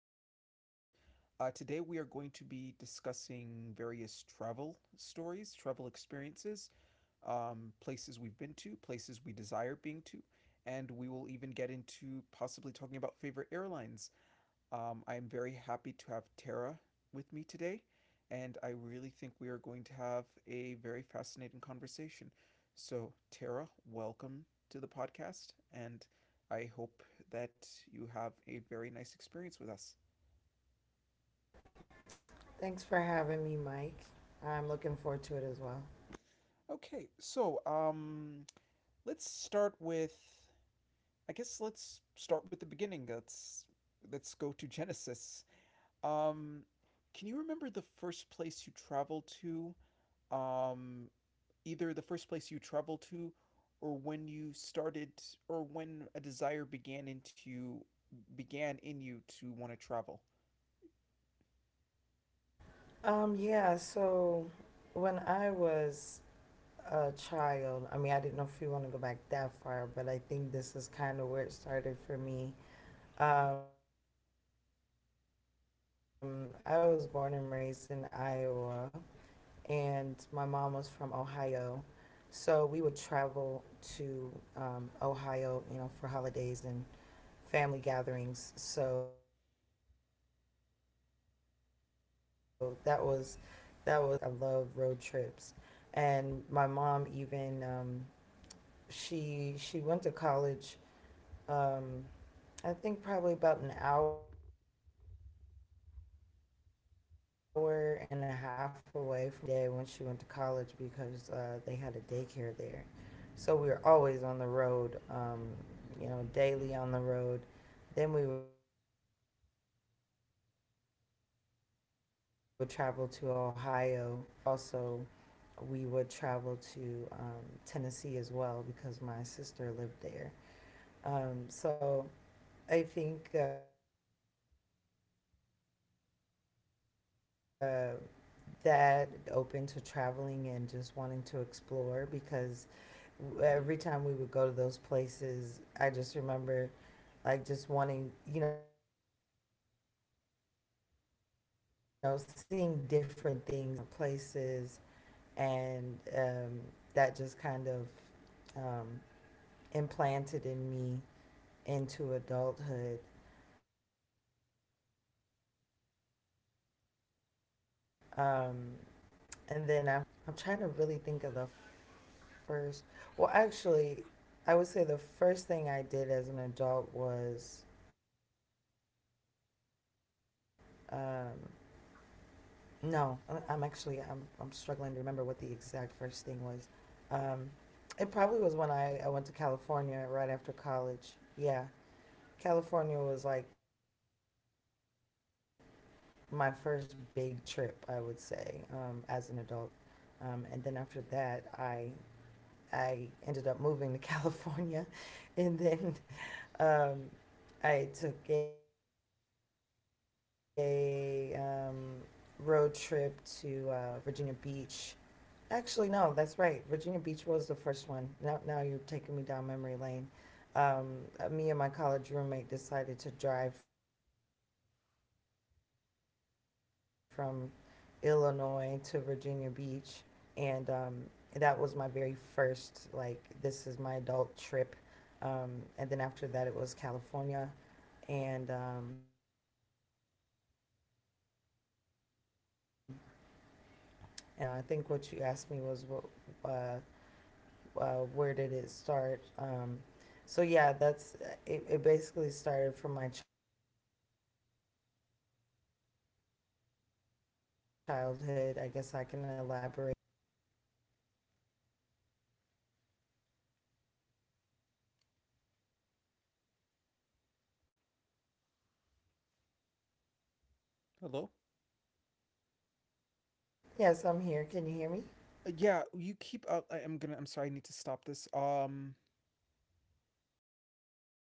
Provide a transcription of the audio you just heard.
our podcast. Today we are going to be discussing various travel stories, travel experiences, places we've been to, places we desire being to, and we will even get into possibly talking about favorite airlines. I am very happy to have Tara with me today, and I really think we are going to have a very fascinating conversation. So, Tara, welcome to the podcast, and I hope that you have a very nice experience with us. Thanks for having me, Mike. I'm looking forward to it as well. Okay, let's start with. I guess let's start with the beginning. Let's go to Genesis. Um, can you remember the first place you traveled to? Um, Either the first place you traveled to or when you started or when a desire began in you to want to travel. Yeah, so when I was a child, I mean, I didn't know if you want to go back that far, but I think this is kind of where it started for me. Mhm. I was born and raised in Iowa, and my mom was from Ohio. So we would travel to Ohio, you know, for holidays and family gatherings. So that was that was always a fun experience. I love road trips. And my mom even she went to college um, I think probably about an hour and a half away from our hometown, and she would take me with her every day when she went to college because they had a daycare there. So we were always on the road, you know, daily on the road. Then we would travel to Ohio for family gatherings and events, and also we would travel to Tennessee as well because my sister lived there. So I think that background is what made me someone that's very open to traveling and just wanting to explore because every time we would go to those places, I just remember like just wanting, you know, seeing different things and then just wanting to now try different foods there, go to different places. And that just kind of um, implanted in me into adulthood, um, and then after that, once I became an adult, I'm trying to really think of the first. Well, actually, I would say the first thing I did as an adult was, um, no, I- I'm actually I'm struggling to remember what the exact first thing was. Um, it probably was when I went to California right after college. Yeah, California was like my first big trip, I would say, as an adult. And then after that, I ended up moving to California, and then um, I took a road trip to Virginia Beach. Actually, no, that's right. Virginia Beach was the first one. Now, now you're taking me down memory lane. Um, Me and my college roommate decided to drive from Illinois to Virginia Beach, and that was my very first like this is my adult trip. And then after that, it was California, and and then after that, uh, well, maybe I shouldn't get into all that right now. I think what you asked me was what, uh, where did it start? So yeah, that's it. Basically started from my childhood. I guess I can elaborate on those places that I went as we go on. Hello? Yes, I'm here. Can you hear me? Yeah, you keep I'm gonna, I'm sorry, I need to stop this.